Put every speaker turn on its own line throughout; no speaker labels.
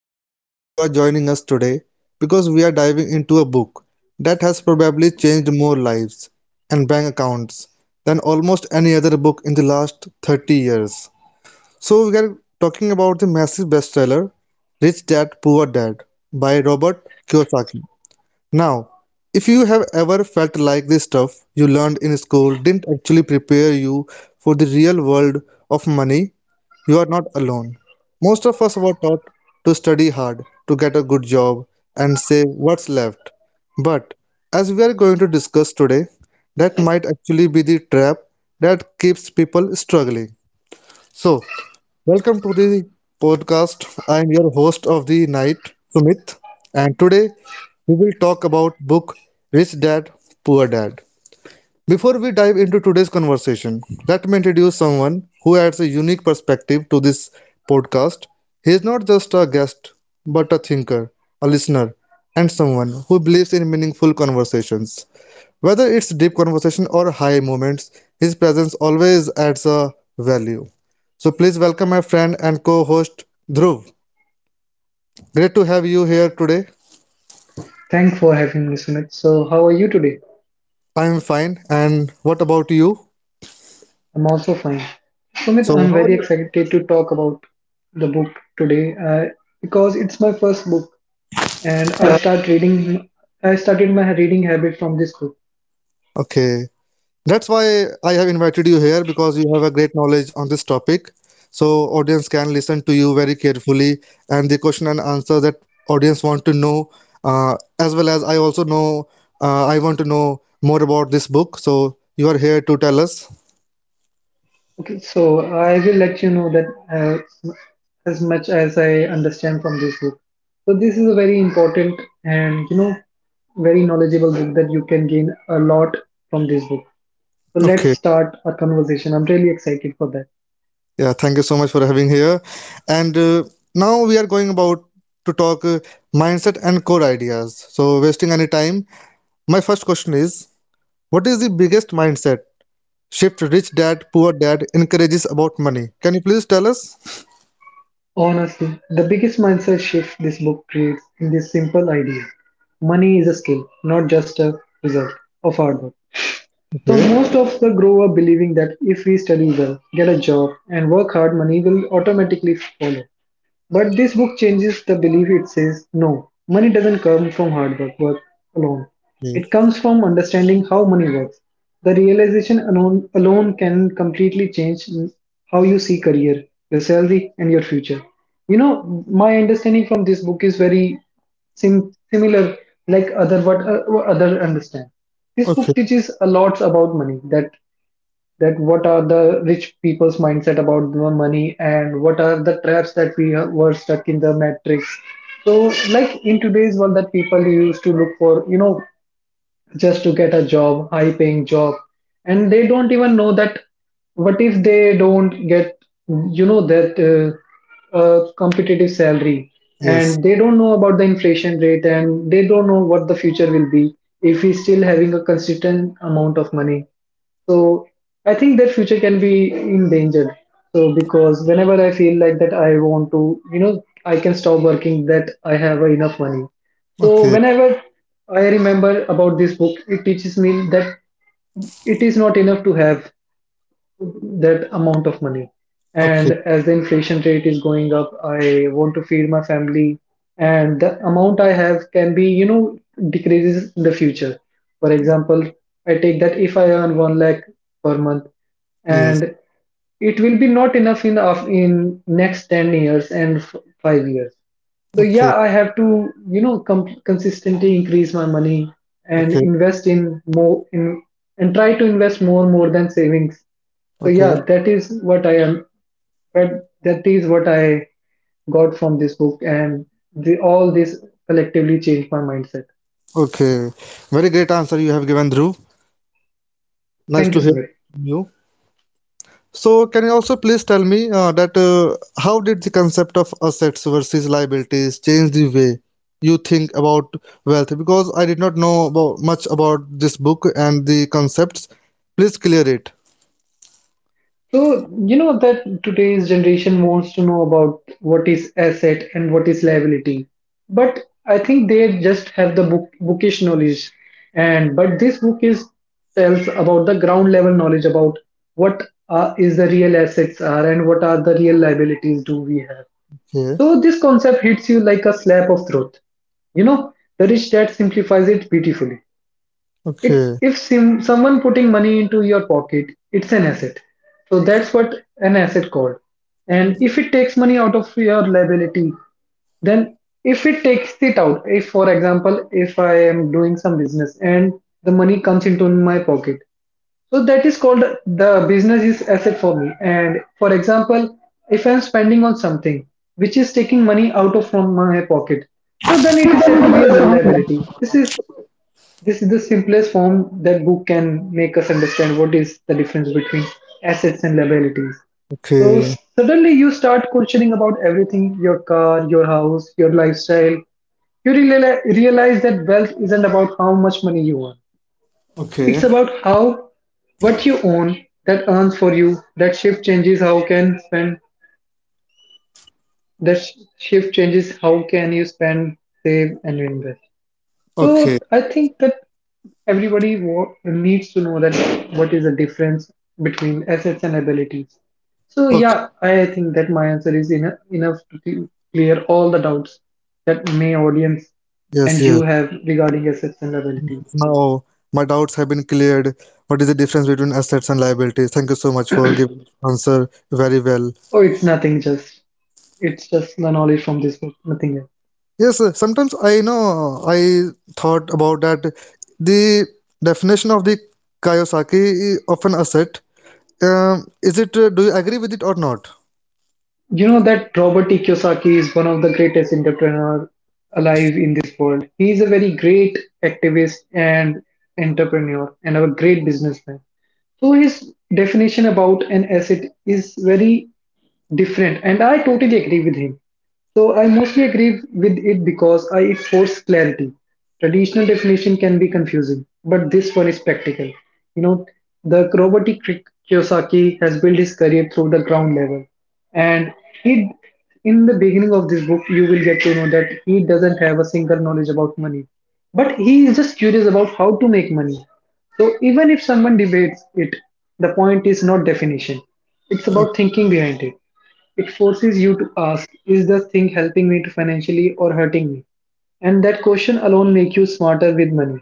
so glad that you are joining us today because we are diving into a book that has probably changed more lives and bank accounts than almost any other book in the last 30 years. So, we are talking about the massive bestseller Rich Dad Poor Dad by Robert Kiyosaki. Now, if you have ever felt like this stuff you learned in school didn't actually prepare you for the real world of money, you are not alone. Most of us were taught to study hard, to get a good job, and save what's left. But as we are going to discuss today, that might actually be the trap that keeps people struggling. So, welcome to the podcast. I am your host of the night, Sumit, and today we will talk about book Rich Dad, Poor Dad. Before we dive into today's conversation, let me introduce someone who adds a unique perspective to this podcast. He is not just a guest, but a thinker, a listener, and someone who believes in meaningful conversations. Whether it's deep conversation or high moments, his presence always adds a value. So please welcome my friend and co-host Dhruv. Great to have you here today.
Thanks for having me, Sumit. So, how are you today?
I'm fine. And what about you?
I'm also fine. Sumit,
So
I'm
how are
very
you?
excited to talk about the book today because it's my first book and I start reading. I started my reading habit from this book.
Okay. That's why I have invited you here because you have a great knowledge on this topic. So audience can listen to you very carefully and the question and answer that audience want to know, as well as I also know, I want to know more about this book. So you are here to tell us.
Okay, so I will let you know that uh, as much as I understand from this book. So this is a very important and you know very knowledgeable book that you can gain a lot from this book. So let's
Okay.
start our conversation. I'm really excited for that.
Yeah, thank you so much for having here. And Now we are going about to talk, mindset and core ideas. So wasting any time, my first question is what is the biggest mindset shift Rich Dad Poor Dad encourages about money. Can you please tell us?
Honestly, the biggest mindset shift this book creates in this simple idea. Money is a skill, not just a result of hard work. So
Okay.
most of the grow up believing that if we study well, get a job and work hard, money will automatically follow. But this book changes the belief. It says, no, money doesn't come from hard work, work alone.
Okay.
It comes from understanding how money works. The realization alone can completely change how you see career, your salary, and your future. You know, my understanding from this book is very similar, like other what other understand. This
Okay.
book teaches a lot about money that what are the rich people's mindset about the money and what are the traps that we were stuck in the matrix, so like in today's world that people used to look for you know just to get a job, high paying job. And they don't even know that what if they don't get, you know, that competitive salary,
Yes.
and they don't know about the inflation rate and they don't know what the future will be if he's still having a consistent amount of money. So I think their future can be endangered. So because whenever I feel like that I want to, you know, I can stop working that I have enough money. So
Okay.
whenever I remember about this book, it teaches me that it is not enough to have that amount of money.
Okay.
And as the inflation rate is going up, I want to feed my family, and the amount I have can be, you know, decreases in the future. For example, I take that if I earn one lakh per month,
Yes.
and it will be not enough in next 10 years and 5 years. So
Okay.
yeah, I have to, you know, consistently increase my money and
Okay.
invest in more in, and try to invest more than savings. So
Okay.
yeah, that is what I am. But that is what I got from this book, and the, all this collectively changed my mindset.
Okay. Very great answer you have given, Dhruv. Nice
Thank you,
to hear
Sumit.
from you. So, can you also please tell me, that how did the concept of assets versus liabilities change the way you think about wealth? Because I did not know about, much about this book and the concepts. Please clear it.
So, you know that today's generation wants to know about what is asset and what is liability. But I think they just have the bookish knowledge. And but this book is tells about the ground level knowledge about what are, is the real assets are and what are the real liabilities do we have.
Okay.
So this concept hits you like a slap of truth. You know, the rich dad simplifies it beautifully. It's
Okay.
if someone putting money into your pocket, it's an asset. So that's what an asset called. And if it takes money out of your liability, then if it takes it out, if for example, if I am doing some business and the money comes into my pocket, so that is called the business is asset for me. And for example, if I am spending on something which is taking money out of from my pocket, so then it is said to be as a liability. This is the simplest form that book can make us understand what is the difference between assets and liabilities. So
Okay.
suddenly you start questioning about everything your car, your house, your lifestyle. You realize that wealth isn't about how much money you earn,
Okay,
it's about how what you own that earns for you. That shift changes how can spend. That shift changes how can you spend, save and invest, so
okay,
I think that everybody needs to know that what is the difference between assets and abilities. So
okay.
yeah, I think that my answer is enough to clear all the doubts that may audience
Yes,
and you
yes.
have regarding assets and abilities.
Now my doubts have been cleared. What is the difference between assets and liabilities? Thank you so much for giving this answer very well.
Oh, it's nothing. Just it's just the knowledge from this book, nothing else.
Yes, sometimes I know I thought about that. The definition of the Kiyosaki of an asset. Is it? Do you agree with it or not?
You know that Robert E. Kiyosaki is one of the greatest entrepreneurs alive in this world. He is a very great activist and entrepreneur and a great businessman. So his definition about an asset is very different and I totally agree with him, so I mostly agree with it because I it forces clarity. Traditional definition can be confusing but this one is practical. You know, the Robert Kiyosaki has built his career through the ground level, and he in the beginning of this book you will get to know that he doesn't have a single knowledge about money but he is just curious about how to make money. So even if someone debates it, the point is not definition, it's
O-
about thinking behind it. It forces you to ask, is this thing helping me to financially or hurting me? And that question alone make you smarter with money.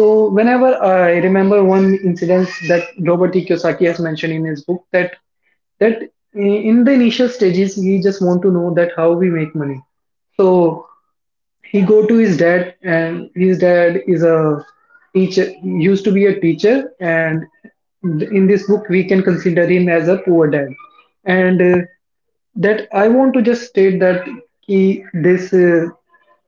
So whenever I remember one incident that Robert E. Kiyosaki has mentioned in his book that in the initial stages we just want to know that how we make money. So he go to his dad and his dad is a teacher, used to be a teacher, and in this book we can consider him as a poor dad, and that I want to just state that he this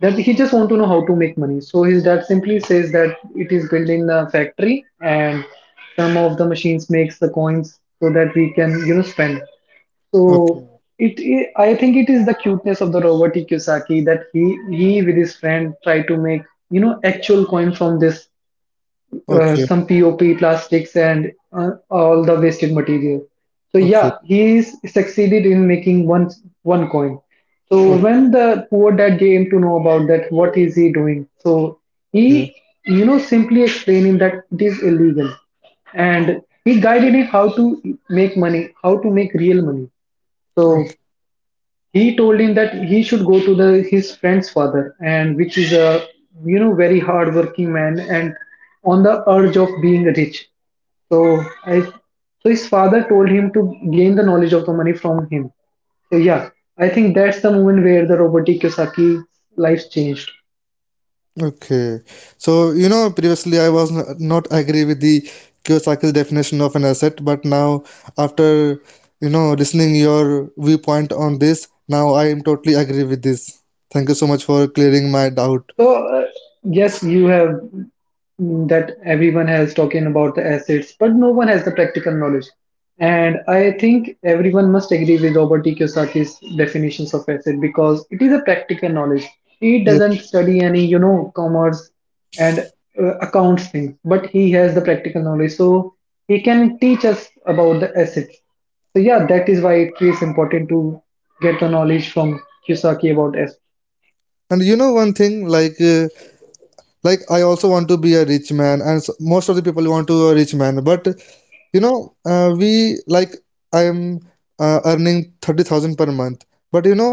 that he just want to know how to make money, so his dad simply says that it is building a factory and some of the machines makes the coins so that we can you know spend. So
Okay,
it, I think it is the cuteness of the Robert E. Kiyosaki that he with his friend try to make you know actual coin from this
okay,
some POP plastics and all the wasted material. So
okay,
yeah, he is succeeded in making one coin. So when the poor dad came to know about that, what is he doing? So
okay,
he you know simply explaining that it is illegal and he guided him how to make money, how to make real money. So
okay.
he told him that he should go to the his friend's father and which is a you know very hard working man and on the urge of being rich. So I so his father told him to gain the knowledge of the money from him. So yeah, I think that's the moment where the Robert Kiyosaki life changed.
Okay, so you know, previously I was not agree with the Kiyosaki's definition of an asset, but now after you know listening your viewpoint on this, now I am totally agree with this. Thank you so much for clearing my doubt.
So, yes, you have that everyone has talking about the assets, but no one has the practical knowledge. And I think everyone must agree with Robert E. Kiyosaki's definitions of asset because it is a practical knowledge. He
Yeah,
doesn't study any, you know, commerce and accounts thing, but he has the practical knowledge, so he can teach us about the assets. So yeah, that is why it is important to get the knowledge from Kiyosaki about assets.
and you know one thing, like, like I also want to be a rich man, and s most of the people want to a rich man, but you know, we like I am earning 30,000 per month, but you know,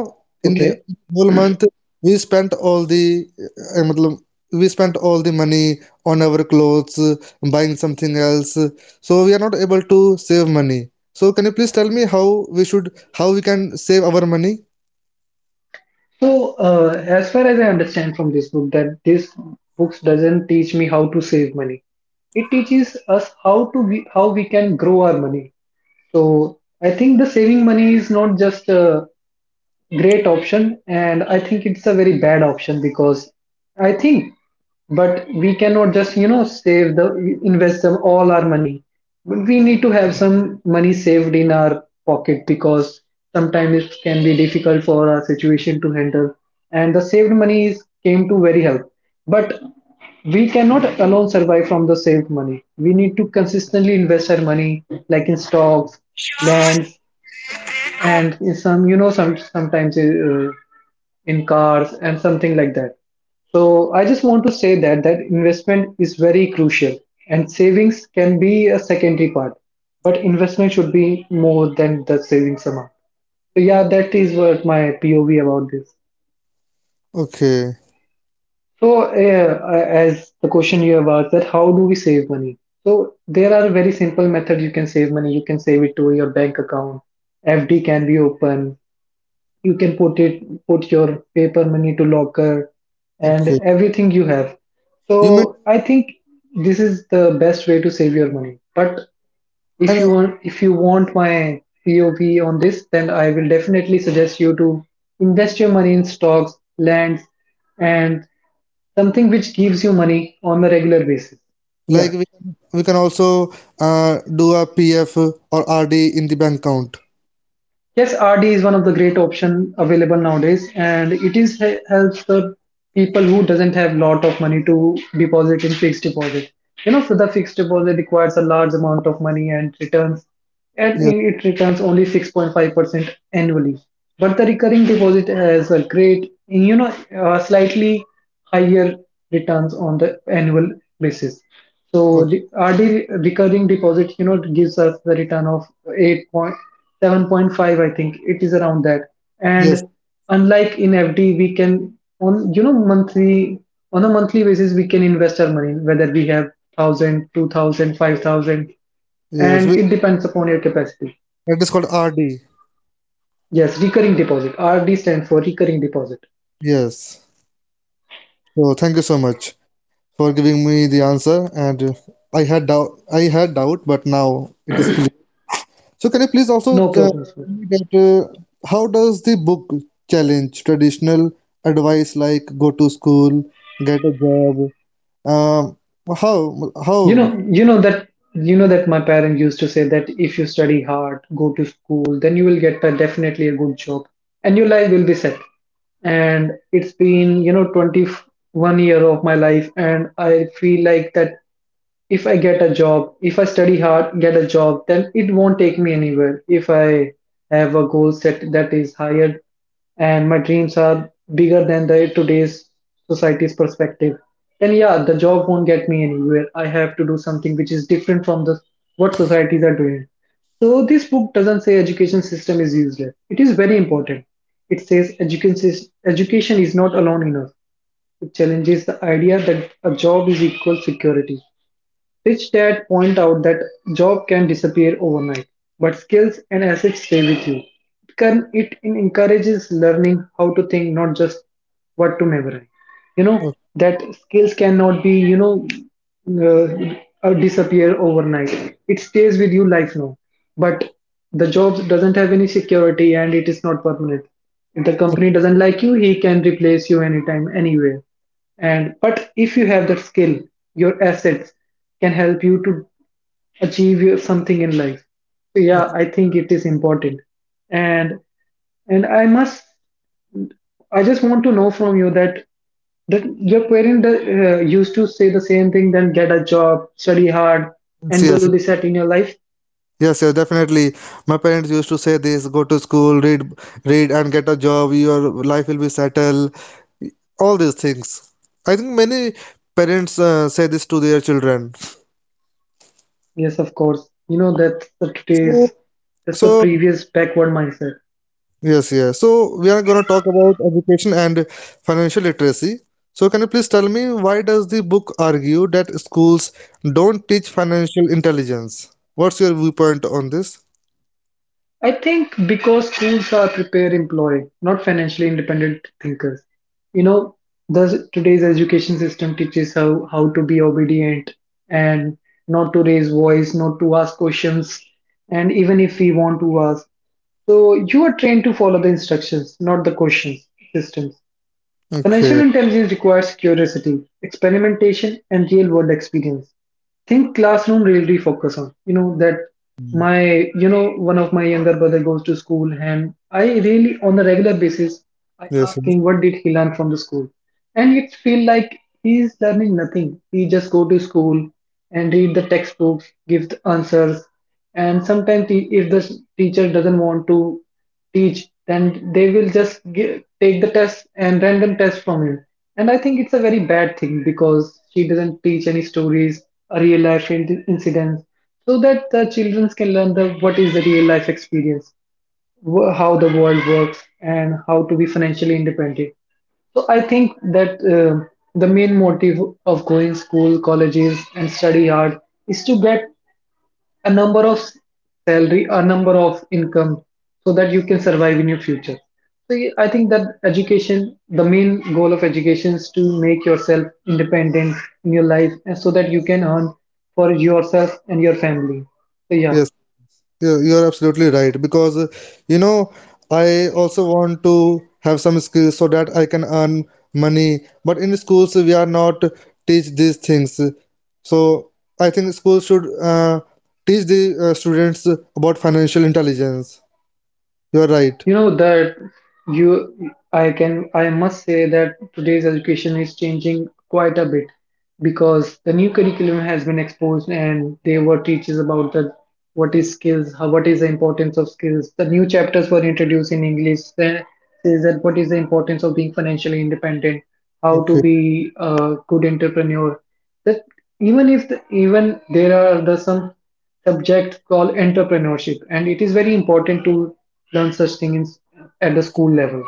in the
Okay.
whole month we spent all the we spent all the money on our clothes, buying something else, so we are not able to save money. So can you please tell me how we should how we can save our money?
So, as far as I understand from this book, that this books doesn't teach me how to save money. It teaches us how to we, how we can grow our money. So, I think the saving money is not just great option, and I think it's a very bad option because I think but we cannot just you know save the invest them all our money. We need to have some money saved in our pocket because sometimes it can be difficult for our situation to handle and the saved money is came to very help. But we cannot alone survive from the saved money, we need to consistently invest our money like in stocks, lands, and some you know some sometimes in cars and something like that. So I just want to say that that investment is very crucial and savings can be a secondary part but investment should be more than the savings amount. So yeah, that is what my pov about this.
Okay,
So as the question you have asked that how do we save money, so there are very simple methods you can save money. You can save it to your bank account, fd can be open, you can put it put your paper money to locker and
okay.
everything you have.
You mean
So I think this is the best way to save your money, but
and
if you want my pov on this, then I will definitely suggest you to invest your money in stocks, lands, and something which gives you money on a regular basis. Yeah.
like we can also do a PF or RD in the bank account.
Yes, RD is one of the great option available nowadays, and it is helps the people who doesn't have lot of money to deposit in fixed deposit. You know, so the fixed deposit requires a large amount of money and returns, and
Yeah.
it returns only 6.5% annually. But the recurring deposit has a great, you know, slightly higher returns on the annual basis. So
Okay.
the RD, recurring deposit, gives us the return of 8 point 7.5, I think it is around that. And
Yes.
unlike in FD, we can, on you know monthly on a monthly basis, we can invest our money whether we have 1,000, 2,000, 5,000,
Yes,
and it depends upon your capacity.
that is called RD.
Yes, recurring deposit. RD stands for recurring deposit.
Yes. So thank you so much for giving me the answer. And I had doubt. I had doubt, but now it is clear. So can you please also
No
tell
problem, sir.
me that, uh, how does the book challenge traditional advice like go to school, get a job? Um, how
You
how?
know, you know that you know that my parent used to say that if you study hard, go to school, then you will get a, definitely, a good job and your life will be set. And it's been, 21 year of my life, and I feel like that if I get a job, if I study hard, get a job, then it won't take me anywhere. If I have a goal set that is higher and my dreams are bigger than the today's society's perspective, then yeah, the job won't get me anywhere. I have to do something which is different from the what societies are doing. So this book doesn't say education system is useless. It is very important. It says education is not alone enough. It challenges the idea that a job is equal security. Rich Dad point out that job can disappear overnight, but skills and assets stay with you. It encourages learning how to think, not just what to memorize. You know that skills cannot be, uh, disappear overnight. It stays with you lifelong. But the job doesn't have any security and it is not permanent. If the company doesn't like you, he can replace you anytime, anywhere. And but if you have that skill, your assets can help you to achieve your, something in life. So yeah, I think it is important. And and i must I just want to know from you that your parent used to say the same thing, then get a job, study hard,
Yes,
and
yes,
you'll be set in your life.
yes, yes, definitely. My parents used to say this, go to school, read, read and get a job, your life will be settled, all these things. I think many parents say this to their children.
Yes, of course, you know that the today's
So,
that's the
so
previous backward mindset.
yes, yes. So we are gonna talk about education and financial literacy. So can you please tell me why does the book argue that schools don't teach financial intelligence? What's your viewpoint on this?
I think because schools are prepare employee, not financially independent thinkers. You know, the today's education system teaches how to be obedient and not to raise voice, not to ask questions. And even if we want to ask. So you are trained to follow the instructions, not the questions, systems. Financial
Okay.
intelligence requires curiosity, experimentation, and real world experience. Think classroom really focus on. You know that my, one of my younger brother, goes to school, and I really, on a regular basis, I
Yes,
ask
yeah.
him what did he learn from the school. And it feel like he is learning nothing. He just go to school and read the textbooks, give the answers. And sometimes he, if the teacher doesn't want to teach, then they will just take the test, and random test from you. And I think it's a very bad thing because she doesn't teach any stories, a real life incidents, so that the children can learn the what is the real life experience, how the world works and how to be financially independent. So I think that the main motive of going school, colleges, and study hard is to get a number of salary, a number of income, so that you can survive in your future. So I think that education, the main goal of education, is to make yourself independent in your life, and so that you can earn for yourself and your family. So yeah.
Yes, You- you're absolutely right because, you know, I also want to have some skills so that I can earn money. But in schools we are not teach these things. So I think schools should teach the students about financial intelligence. You're right.
You know that, you I can I must say that today's education is changing quite a bit, because the new curriculum has been exposed and they were teaches about the what is skills, how, what is the importance of skills. The new chapters were introduced in English that says that what is the importance of being financially independent, how to
Okay.
be a good entrepreneur. That even if the, even there are the some subject called entrepreneurship, and it is very important to learn such things at the school level.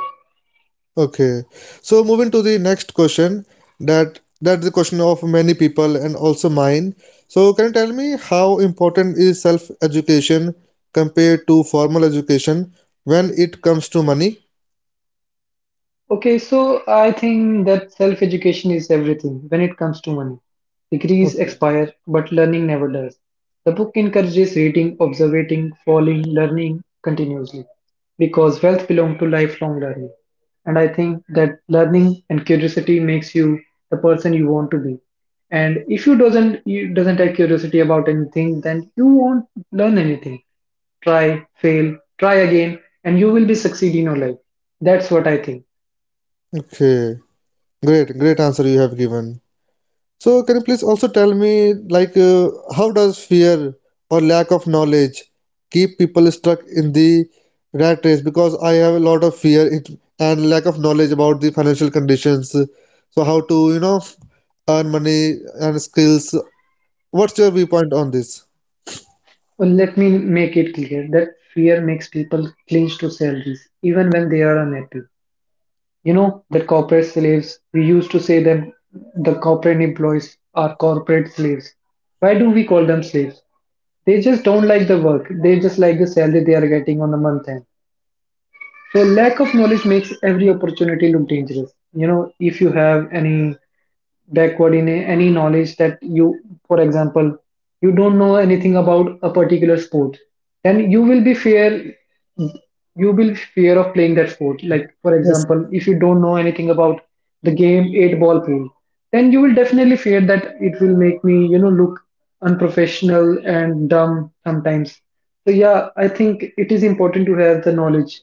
Okay. So moving to the next question, that that's the question of many people and also mine. So can you tell me how important is self-education compared to formal education when it comes to money?
Okay, so I think that self education is everything when it comes to money. Degrees
Okay.
expire, but learning never does. The book encourages reading, observing, falling, learning continuously, because wealth belongs to lifelong learning. And I think that learning and curiosity makes you the person you want to be. And if you doesn't have curiosity about anything, then you won't learn anything. Try, fail, try again, and you will be succeed in your life. That's what I think.
Okay. Great, great answer you have given. So, can you please also tell me, like, how does fear or lack of knowledge keep people stuck in the rat race? Because I have a lot of fear it, and lack of knowledge about the financial conditions. So, how to, you know, earn money and skills. What's your viewpoint on this?
Well, let me make it clear that fear makes people clinch to salaries even when they are unhappy. You know, the corporate slaves, we used to say them the corporate employees are corporate slaves. Why do we call them slaves? They just don't like the work, they just like the salary they are getting on the month end. So, lack of knowledge makes every opportunity look dangerous. You know, if you have any backward in any knowledge that you, for example, you don't know anything about a particular sport, then you will fear of playing that sport. Like, for
Yes.
example, if you don't know anything about the game eight ball pool, then you will definitely fear that it will make me, look unprofessional and dumb sometimes. So yeah, I think it is important to have the knowledge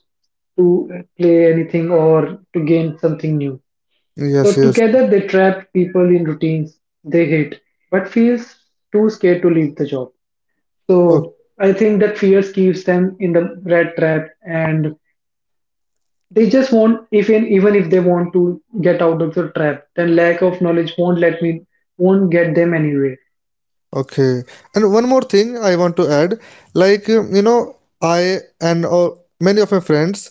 to play anything or to gain something new.
Yes,
So
yes.
together they trapped people in routines they hate, but feels too scared to leave the job. So I think that fear keeps them in the red trap, and they just won't even if they want to get out of the trap, then lack of knowledge won't let me won't get them anywhere.
Okay. And one more thing I want to add, like, I and many of my friends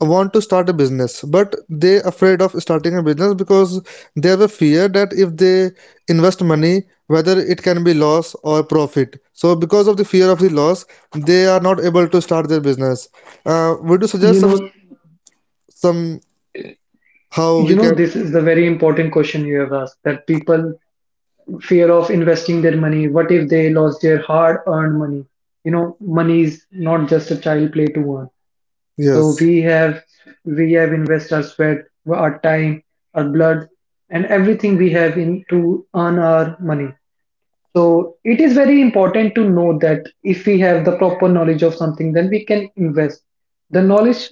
want to start a business, but they afraid of starting a business because they have a fear that if they invest money, whether it can be loss or profit. So because of the fear of the loss, they are not able to start their business. Would you suggest
You know,
some how
you
we
know
can?
this is the very important question you have asked, that people fear of investing their money. What if they lost their hard earned money? You know, money is not just a child play to earn. So
Yes.
we have invested our sweat, our time, our blood, and everything we have in to earn our money. So it is very important to know that if we have the proper knowledge of something, then we can invest. The knowledge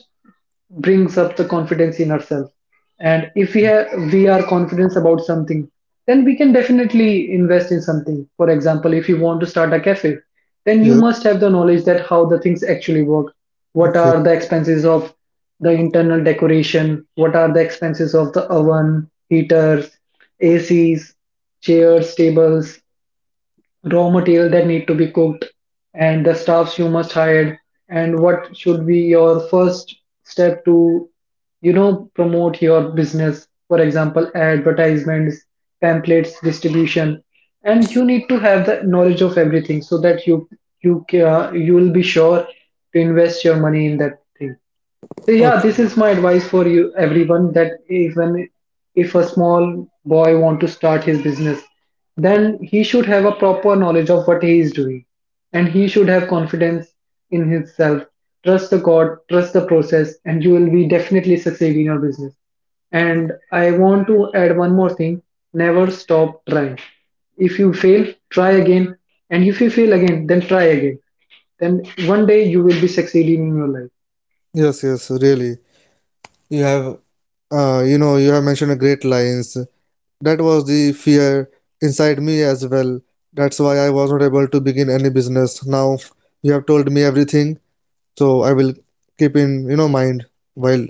brings up the confidence in ourselves, and if we are confident about something, then we can definitely invest in something. For example, if you want to start a cafe, then you
Yes.
must have the knowledge that how the things actually work. What
Okay.
are the expenses of the internal decoration? What are the expenses of the oven, heaters, ACs, chairs, tables, raw material that need to be cooked, and the staffs you must hire, and what should be your first step to, you know, promote your business, for example, advertisements, pamphlets distribution. And you need to have the knowledge of everything, so that you will be sure to invest your money in that thing. So yeah, this
Okay.
is my advice for you, everyone, that even if a small boy want to start his business, then he should have a proper knowledge of what he is doing, and he should have confidence in himself. Trust the God, trust the process, and you will be definitely succeed in your business. And I want to add one more thing, never stop trying. If you fail, try again, and if you fail again, then try again. Then one day you will be succeeding in your life.
Yes. Yes. Really. You have you know, you have mentioned a great lines. That was the fear inside me as well. That's why I was not able to begin any business. Now you have told me everything, so I will keep in, you know, mind while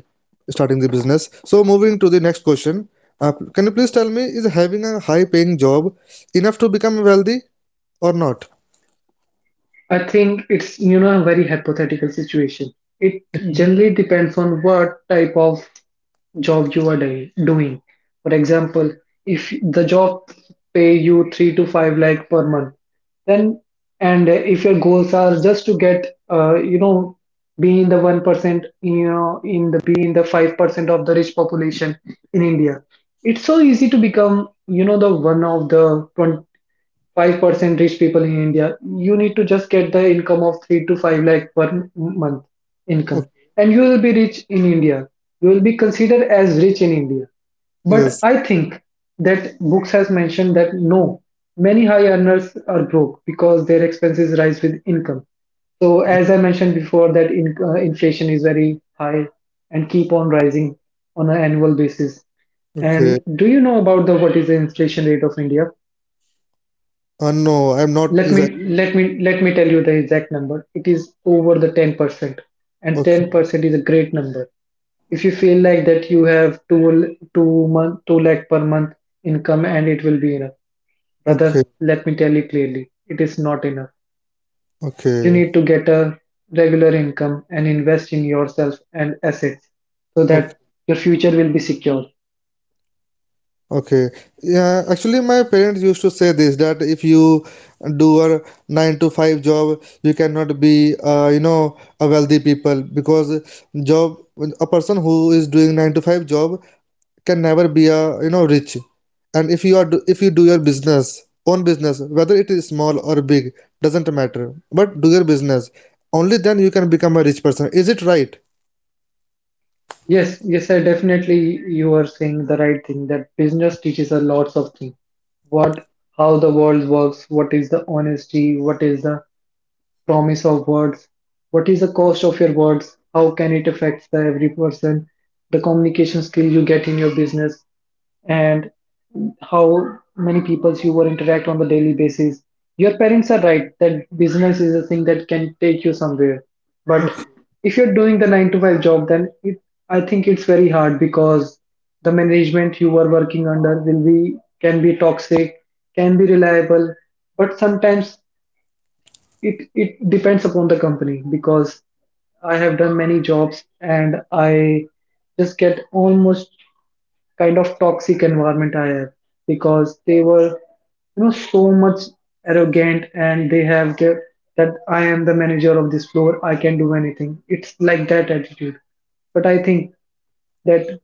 starting the business. So moving to the next question. Can you please tell me, is having a high paying job enough to become wealthy or not?
I think it's, you know, a very hypothetical situation. It
Yeah.
generally depends on what type of job you are doing. For example, if the job pay you 3 to 5 lakh per month, then, and if your goals are just to get, you know, be in the 1%, you know, in the be in the 5% of the rich population in India, it's so easy to become, you know, the one of the 5% rich people in India. You need to just get the income of 3 to 5 lakh per month income.
Okay.
And you will be rich in India. You will be considered as rich in India. But
Yes.
I think that books has mentioned that no, many high earners are broke because their expenses rise with income. So as I mentioned before, that inflation is very high and keep on rising on an annual basis. And
Okay.
do you know about the what is the inflation rate of India?
No, I'm not
Let me
exactly.
let me tell you the exact number. It is over the 10%, and
Okay.
10% is a great number. If you feel like that you have 2 lakh per month income and it will be enough,
Okay.
brother, let me tell you clearly, it is not enough. You
Okay.
need to get a regular income and invest in yourself and assets so
Okay.
that your future will be secure.
Okay. Yeah, actually my parents used to say this that if you do a 9 to 5 job, you cannot be, you know, a wealthy people because job a person who is doing 9 to 5 job can never be a you know rich. And if you are do, if you do your business, own business, whether it is small or big, doesn't matter. But do your business. Only then you can become a rich person. Is it right?
Yes, yes, I definitely you are saying the right thing that business teaches us lots of things. What, how the world works, what is the honesty, what is the promise of words, what is the cost of your words, how can it affect the every person, the communication skill you get in your business, and how many people you will interact on the daily basis. Your parents are right that business is a thing that can take you somewhere. But if you're doing the nine to five job, then I think it's very hard because the management you are working under will be can be toxic, can be reliable, but sometimes it depends upon the company because I have done many jobs and I just get almost kind of toxic environment I have because they were so much arrogant and they have that I am the manager of this floor I can do anything, it's like that attitude. But I think that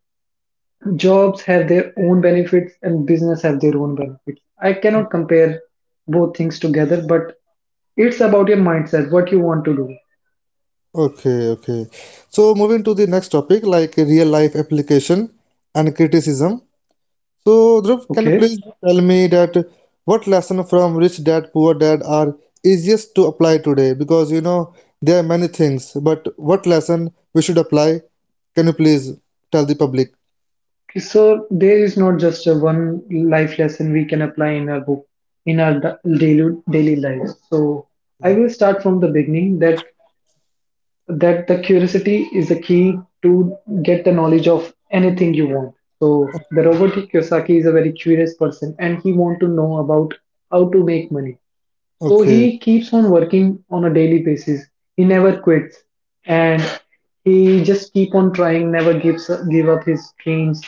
jobs have their own benefits and business have their own benefits. I cannot compare both things together, but it's about your mindset what you want to do.
Okay, okay. So moving to the next topic, like real life application and criticism. So Dhruv, can you
Okay.
please tell me that what lesson from Rich Dad Poor Dad are easiest to apply today? Because you know there are many things, but what lesson we should apply? Can you please tell the public?
So there is not just a one life lesson we can apply in our book in our daily lives. So I will start from the beginning that the curiosity is a key to get the knowledge of anything you want. So the Robert Kiyosaki is a very curious person and he want to know about how to make money. So
Okay,
he keeps on working on a daily basis. He never quits, and he just keep on trying. Never give up his dreams.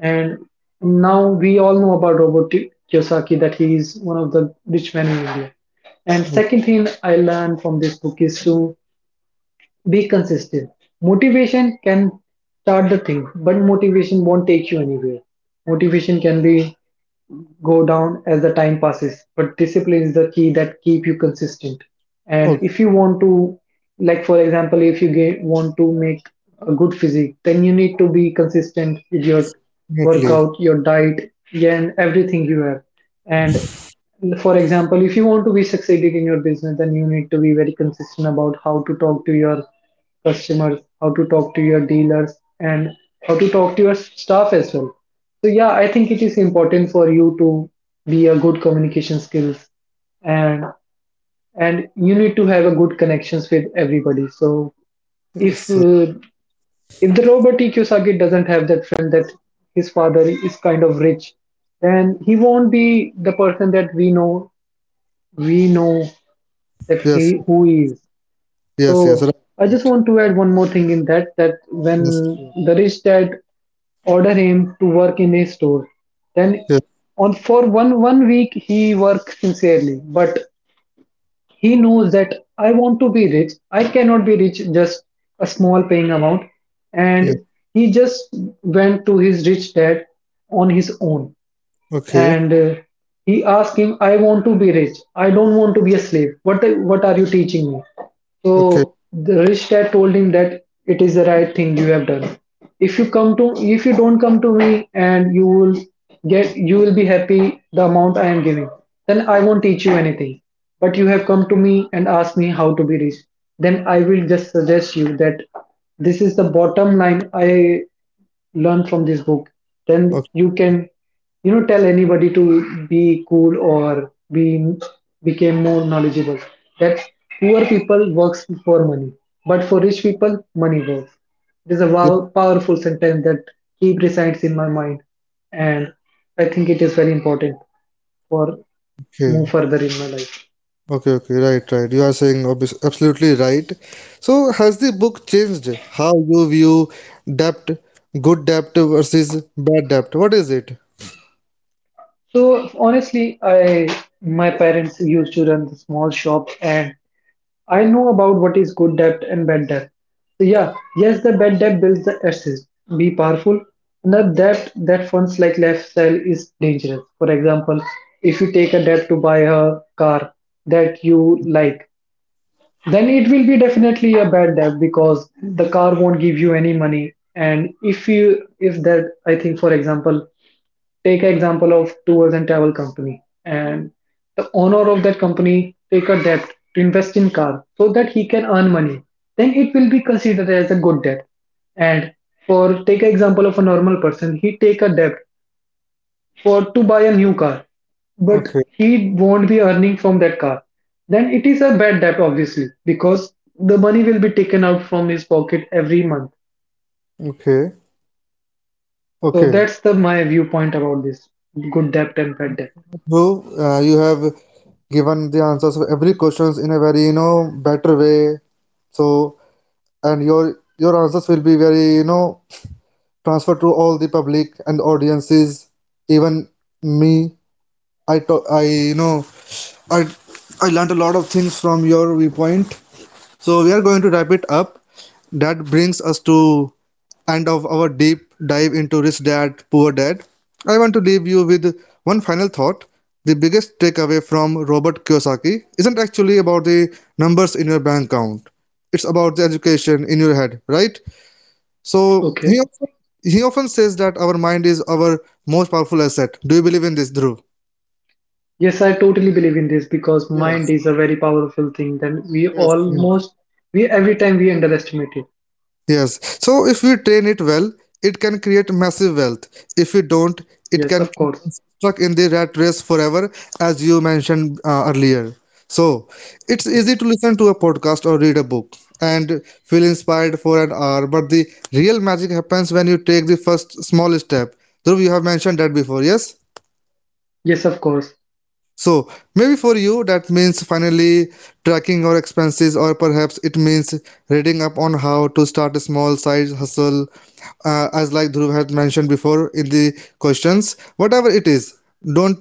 And now we all know about Robert Kiyosaki that he is one of the rich men in India. And
o-
second thing I learned from this book is to be consistent. Motivation can start the thing, but motivation won't take you anywhere. Motivation can be go down as the time passes, but discipline is the key that keep you consistent. And
okay,
if you want to, like for example, if you get, want to make a good physique, then you need to be consistent with your
yes, definitely.
workout, your diet, yeah, and everything you have. And for example, if you want to be succeeding in your business, then you need to be very consistent about how to talk to your customers, how to talk to your dealers, and how to talk to your staff as well. So yeah, I think it is important for you to be a good communication skills and and you need to have a good connections with everybody. So
Yes,
if
sir.
uh, if the Robert E. Kiyosaki doesn't have that friend that his father is kind of rich, then he won't be the person that we know that
Yes,
he who he is.
yes, yes, right.
So I just
Right.
want to add one more thing in that that
Yes,
when the rich dad order him to work in his store, then
yes,
on for one week he works sincerely, but he knows that I want to be rich. I cannot be rich just a small paying amount.
yes.
And he just went to his rich dad on his own
Okay,
and he asked him, "I want to be rich. I don't want to be a slave. What are you teaching me?"
okay,
So the rich dad told him that it is the right thing you have done. If you don't come to me, and you will get, you will be happy the amount I am giving. Then I won't teach you anything. But you have come to me and asked me how to be rich. Then I will just suggest you that this is the bottom line I learn from this book. Then
okay,
you can you know tell anybody to be cool or be became more knowledgeable that poor people works for money, but for rich people money works. There's a
yeah,
wow, powerful sentence that keep resides in my mind, and I think it is very important for move
okay.
further in my life.
Okay, okay, right, right. You are saying obvious, absolutely right. So, has the book changed how you view debt, good debt versus bad debt? What is it?
So honestly I my parents used to run the small shop and I know about what is good debt and bad debt. So yeah, yes, the bad debt builds the assets, be powerful. The debt that funds like lifestyle is dangerous. For example, if you take a debt to buy a car that you like, then it will be definitely a bad debt because the car won't give you any money. And if you, if that, I think, for example, take an example of tours and travel company, and the owner of that company take a debt to invest in car so that he can earn money. Then it will be considered as a good debt. And for take an example of a normal person, he take a debt for to buy a new car, but
Okay,
he won't be earning from that car. Then it is a bad debt, obviously, because the money will be taken out from his pocket every month.
okay,
So
okay.
that's the my viewpoint about this good debt and bad debt.
So, you have given the answers of every questions in a very, you know, better way. So, and your answers will be very, you know, transferred to all the public and audiences, even me. I talk, I, you know, I I learned a lot of things from your viewpoint. So we are going to wrap it up. That brings us to end of our deep dive into Rich Dad, Poor Dad. I want to leave you with one final thought. The biggest takeaway from Robert Kiyosaki isn't actually about the numbers in your bank account. It's about the education in your head, right? So
Okay.
he often says that our mind is our most powerful asset. Do you believe in this, Dhruv?
Yes, I totally believe in this because mind
Yes,
is a very powerful thing. Then
yes, yes.
we every time we underestimate it.
Yes. So if we train it well, it can create massive wealth. If we don't, it
Yes,
can
of
keep
course.
us stuck in the rat race forever, as you mentioned earlier. So it's
Yes,
easy to listen to a podcast or read a book and feel inspired for an hour, but the real magic happens when you take the first small step. Dhruv, you have mentioned that before, yes?
yes, of course.
So maybe for you that means finally tracking your expenses, or perhaps it means reading up on how to start a small side hustle, as like Dhruv had mentioned before in the questions. Whatever it is, don't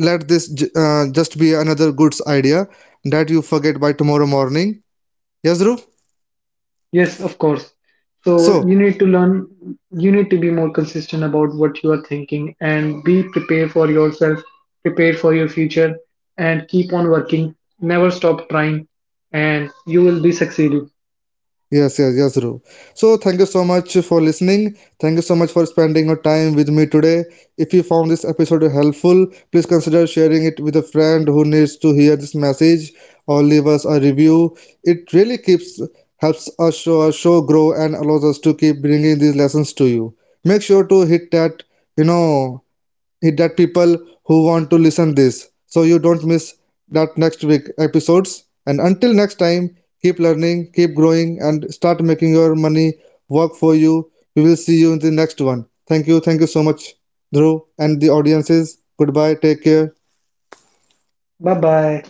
let this just be another goods idea that you forget by tomorrow morning. Yes, Dhruv.
Yes, of course. So
So
you need to learn. You need to be more consistent about what you are thinking and be prepared for yourself, prepared for your future, and keep on working. Never stop trying, and you will be succeeding.
Yes, yes, yes, Dhruv. So, thank you so much for listening. Thank you so much for spending your time with me today. If you found this episode helpful, please consider sharing it with a friend who needs to hear this message or leave us a review. It really keeps helps us show, our show grow and allows us to keep bringing these lessons to you. Make sure to hit that, you know, hit that people who want to listen this so you don't miss that next week episodes and until next time keep learning keep growing and start making your money work for you. We will see you in the next one. Thank you, thank you so much, Dhruv, and the audiences. Goodbye, take care.
Bye bye.